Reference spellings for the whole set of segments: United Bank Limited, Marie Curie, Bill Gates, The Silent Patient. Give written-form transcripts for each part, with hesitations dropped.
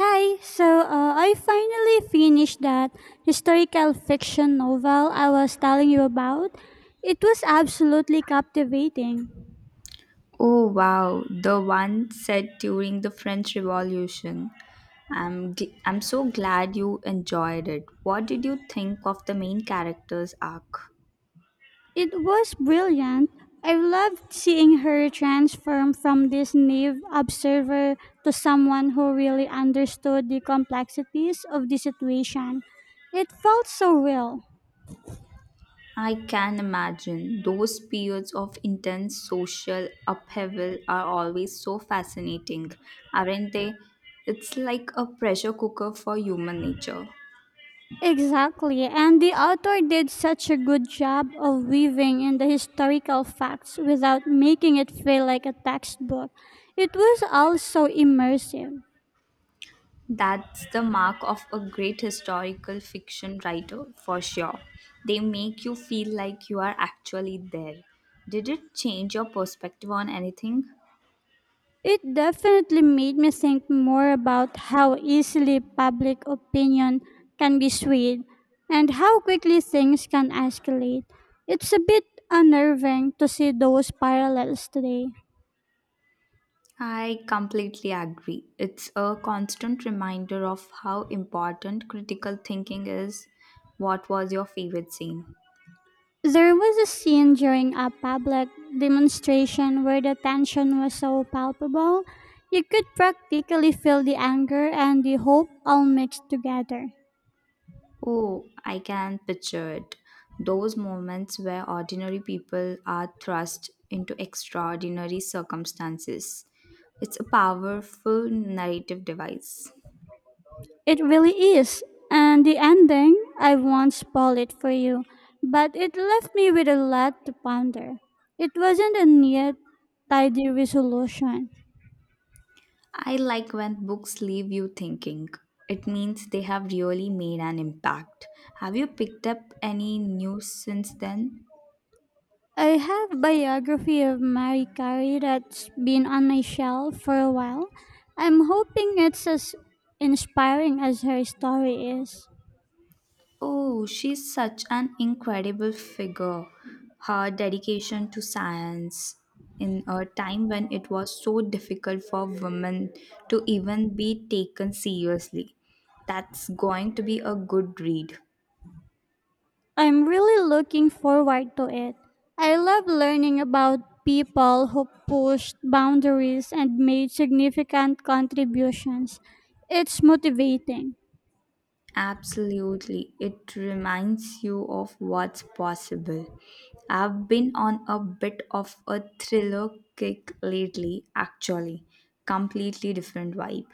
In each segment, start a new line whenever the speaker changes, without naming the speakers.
Hi, I finally finished that historical fiction novel I was telling you about. It was absolutely captivating.
Oh wow, the one set during the French Revolution. I'm so glad you enjoyed it. What did you think of the main character's arc?
It was brilliant. I loved seeing her transform from this naive observer to someone who really understood the complexities of the situation. It felt so real.
I can imagine those periods of intense social upheaval are always so fascinating, aren't they? It's like a pressure cooker for human nature.
Exactly, and the author did such a good job of weaving in the historical facts without making it feel like a textbook. It was also immersive.
That's the mark of a great historical fiction writer, for sure. They make you feel like you are actually there. Did it change your perspective on anything?
It definitely made me think more about how easily public opinion can be swayed and how quickly things can escalate. It's a bit unnerving to see those parallels today.
I completely agree. It's a constant reminder of how important critical thinking is. What was your favorite scene?
There was a scene during a public demonstration where the tension was so palpable, you could practically feel the anger and the hope all mixed together.
Oh, I can picture it. Those moments where ordinary people are thrust into extraordinary circumstances. It's a powerful narrative device.
It really is. And the ending, I won't spoil it for you, but it left me with a lot to ponder. It wasn't a neat, tidy resolution.
I like when books leave you thinking. It means they have really made an impact. Have you picked up any news since then?
I have biography of Marie Curie that's been on my shelf for a while. I'm hoping it's as inspiring as her story is.
Oh, she's such an incredible figure. Her dedication to science in a time when it was so difficult for women to even be taken seriously. That's going to be a good read.
I'm really looking forward to it. I love learning about people who pushed boundaries and made significant contributions. It's motivating.
Absolutely. It reminds you of what's possible. I've been on a bit of a thriller kick lately, actually. Completely different vibe.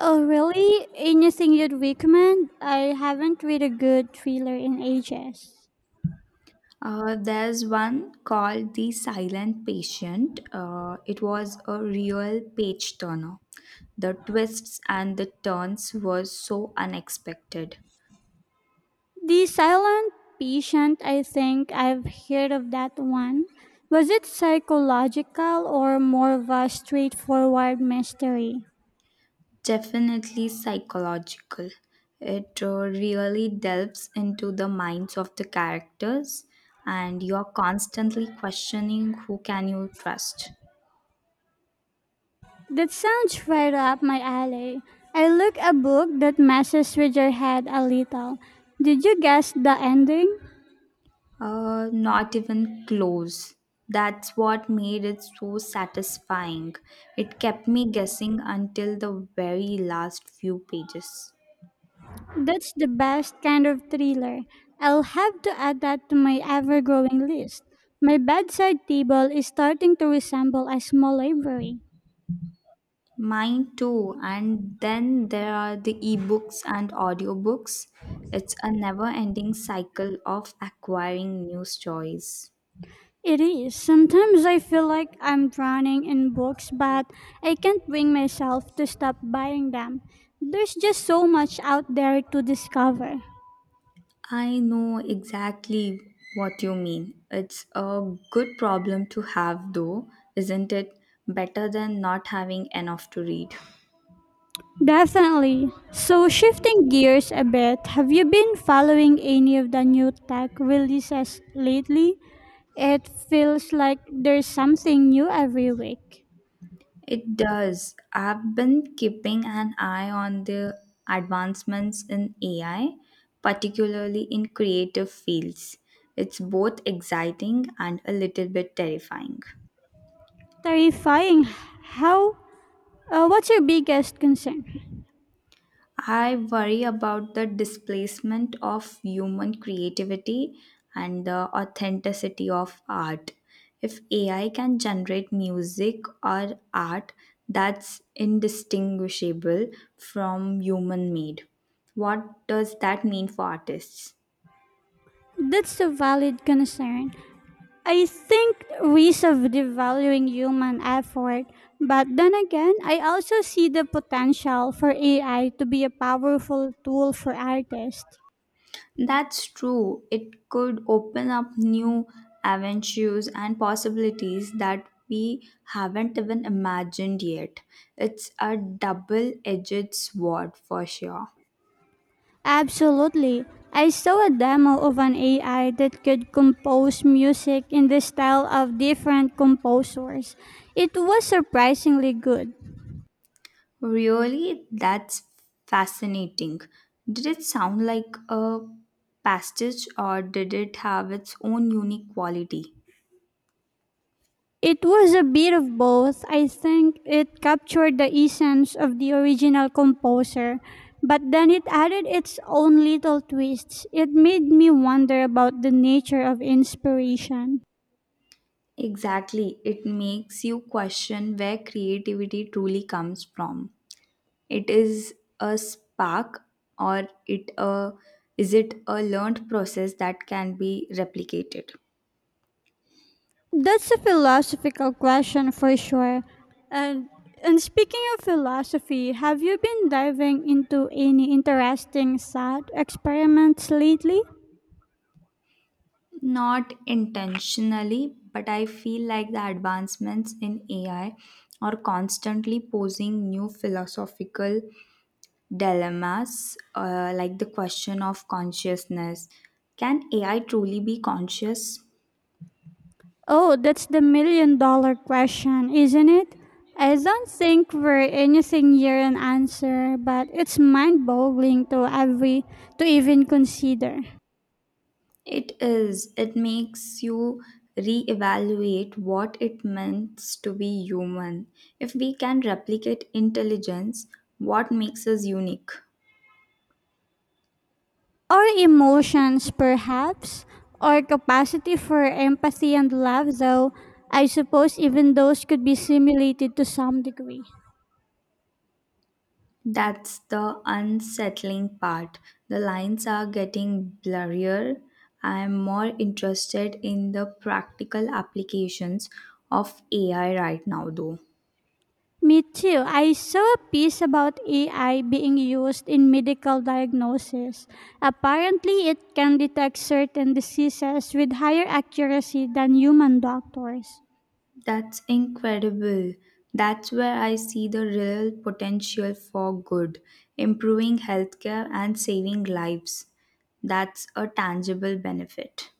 Oh, really? Anything you'd recommend? I haven't read a good thriller in ages.
There's one called The Silent Patient. It was a real page turner. The twists and the turns were so unexpected.
The silent patient, I think I've heard of that one. Was it psychological or more of a straightforward mystery?
Definitely psychological. It really delves into the minds of the characters, and you're constantly questioning who can you trust.
That sounds right up my alley. I look a book that messes with your head a little. Did you guess the ending?
Not even close. That's what made it so satisfying. It kept me guessing until the very last few pages.
That's the best kind of thriller. I'll have to add that to my ever growing list. My bedside table is starting to resemble a small library.
Mine too. And then there are the ebooks and audiobooks. It's a never ending cycle of acquiring new stories.
It is. Sometimes I feel like I'm drowning in books, but I can't bring myself to stop buying them. There's just so much out there to discover.
I know exactly what you mean. It's a good problem to have, though, isn't it? Better than not having enough to read.
Definitely. So, shifting gears a bit, have you been following any of the new tech releases lately? It feels like there's something new every week.
It does. I've been keeping an eye on the advancements in AI, particularly in creative fields. It's both exciting and a little bit terrifying.
Terrifying. How? What's your biggest concern?
I worry about the displacement of human creativity and the authenticity of art. If AI can generate music or art that's indistinguishable from human made, what does that mean for artists?
That's a valid concern. I think risk of devaluing human effort, but then again, I also see the potential for AI to be a powerful tool for artists.
That's true. It could open up new avenues and possibilities that we haven't even imagined yet. It's a double edged sword for sure.
Absolutely. I saw a demo of an AI that could compose music in the style of different composers. It was surprisingly good.
Really, that's fascinating. Did it sound like a pastiche or did it have its own unique quality?
It was a bit of both. I think it captured the essence of the original composer, but then it added its own little twists. It made me wonder about the nature of inspiration.
Exactly. It makes you question where creativity truly comes from. It is a spark or it a is it a learned process that can be replicated?
That's a philosophical question for sure. And and speaking of philosophy, have you been diving into any interesting thought experiments lately?
Not intentionally, but I feel like the advancements in AI are constantly posing new philosophical dilemmas, like the question of consciousness. Can AI truly be conscious?
Oh, that's the million dollar question, isn't it? I don't think we're anything near an answer, but it's mind boggling to every to even consider.
It is. It makes you reevaluate what it means to be human. If we can replicate intelligence, what makes us unique?
Our emotions perhaps, our capacity for empathy and love though, I suppose even those could be simulated to some degree.
That's the unsettling part. The lines are getting blurrier. I am more interested in the practical applications of AI right now, though.
Me too. I saw a piece about AI being used in medical diagnosis. Apparently, it can detect certain diseases with higher accuracy than human doctors.
That's incredible. That's where I see the real potential for good, improving healthcare and saving lives. That's a tangible benefit.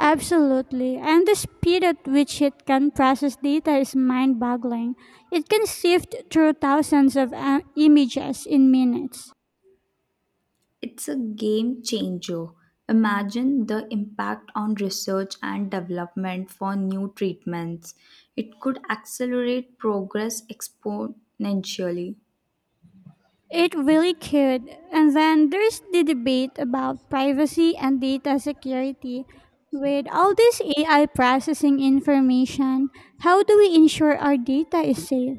Absolutely. And the speed at which it can process data is mind boggling. It can sift through thousands of images in minutes.
It's a game changer. Imagine the impact on research and development for new treatments. It could accelerate progress exponentially.
It really could. And then there's the debate about privacy and data security. With all this AI processing information, how do we ensure our data is safe?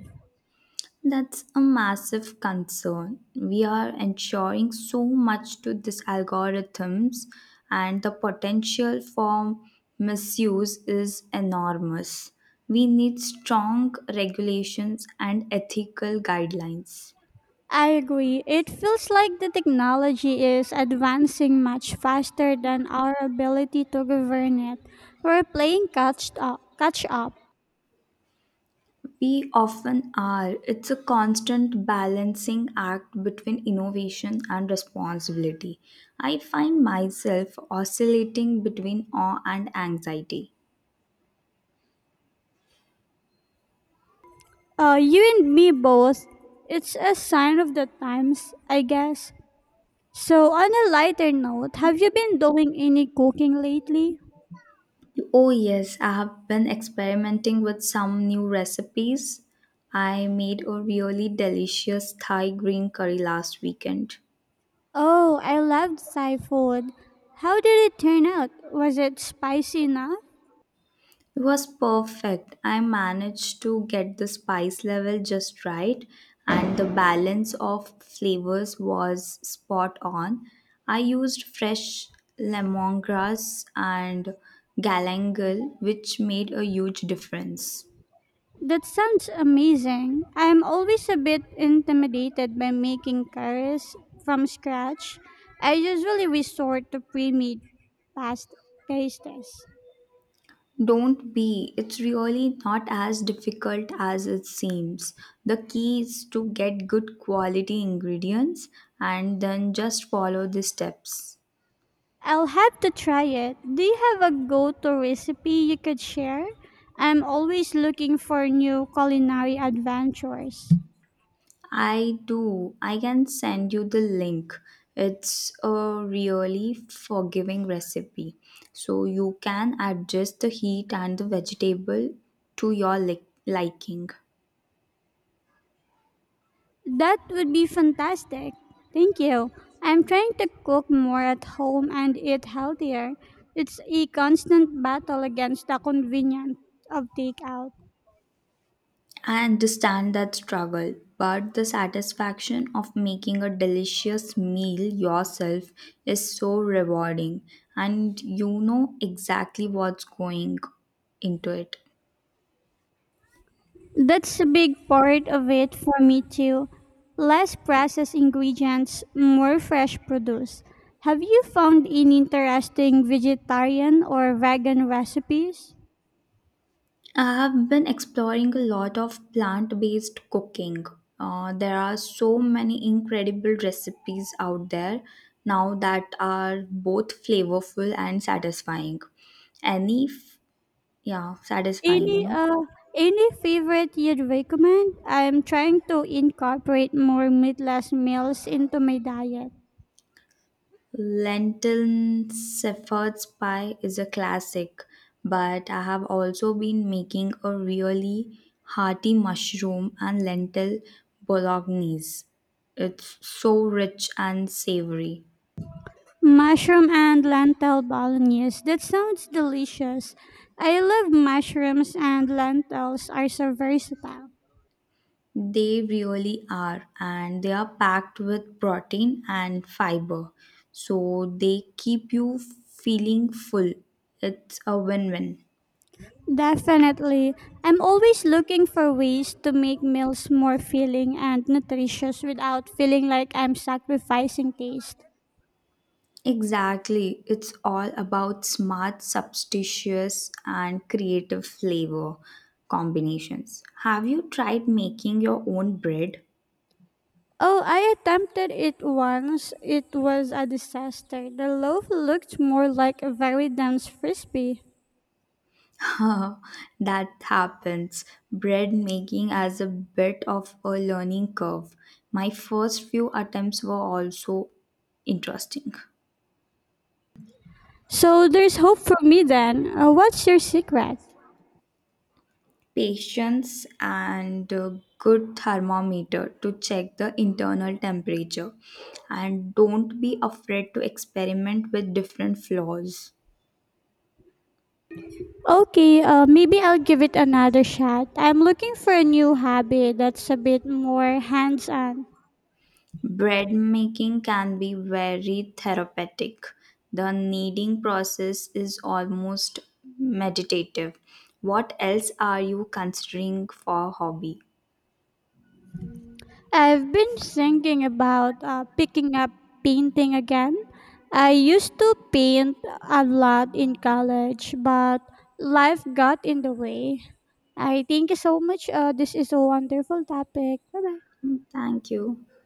That's a massive concern. We are ensuring so much to these algorithms, and the potential for misuse is enormous. We need strong regulations and ethical guidelines.
I agree. It feels like the technology is advancing much faster than our ability to govern it. We're playing catch up.
We often are. It's a constant balancing act between innovation and responsibility. I find myself oscillating between awe and anxiety.
You and me both. It's a sign of the times, I guess. So, on a lighter note, have you been doing any cooking lately?
Oh, yes, I have been experimenting with some new recipes. I made a really delicious Thai green curry last weekend.
Oh, I loved Thai food. How did it turn out? Was it spicy enough?
It was perfect. I managed to get the spice level just right, and the balance of flavors was spot on. I used fresh lemongrass and galangal, which made a huge difference.
That sounds amazing. I'm always a bit intimidated by making curries from scratch. I usually resort to pre-made pasta pastes.
Don't be. It's really not as difficult as it seems. The key is to get good quality ingredients and then just follow the steps.
I'll have to try it. Do you have a go-to recipe you could share? I'm always looking for new culinary adventures.
I do. I can send you the link. It's a really forgiving recipe. So you can adjust the heat and the vegetable to your liking.
That would be fantastic. Thank you. I'm trying to cook more at home and eat healthier. It's a constant battle against the convenience of takeout.
I understand that struggle, but the satisfaction of making a delicious meal yourself is so rewarding, and you know exactly what's going into it.
That's a big part of it for me too. Less processed ingredients, more fresh produce. Have you found any interesting vegetarian or vegan recipes?
I have been exploring a lot of plant based cooking. There are so many incredible recipes out there now that are both flavorful and satisfying. Any, f- yeah, satisfying, you
Any
know.
uh any favorite you'd recommend? I'm trying to incorporate more meatless meals into my diet.
Lentil shepherd's pie is a classic, but I have also been making a really hearty mushroom and lentil bolognese. It's so rich and savory.
Mushroom and lentil bolognese. That sounds delicious. I love mushrooms and lentils are so versatile.
They really are, and they are packed with protein and fiber, so they keep you feeling full. It's a win win.
Definitely. I'm always looking for ways to make meals more filling and nutritious without feeling like I'm sacrificing taste.
Exactly. It's all about smart, substitutes, and creative flavor combinations. Have you tried making your own bread?
Oh, I attempted it once. It was a disaster. The loaf looked more like a very dense frisbee.
That happens. Bread making as a bit of a learning curve. My first few attempts were also interesting.
So there's hope for me then. What's your secret?
Patience and a good thermometer to check the internal temperature, and don't be afraid to experiment with different flours.
Okay, maybe I'll give it another shot. I'm looking for a new hobby that's a bit more hands on.
Bread making can be very therapeutic. The kneading process is almost meditative. What else are you considering for hobby?
I've been thinking about picking up painting again. I used to paint a lot in college, but life got in the way. I thank you so much. This is a wonderful topic. Bye bye.
Mm, thank you.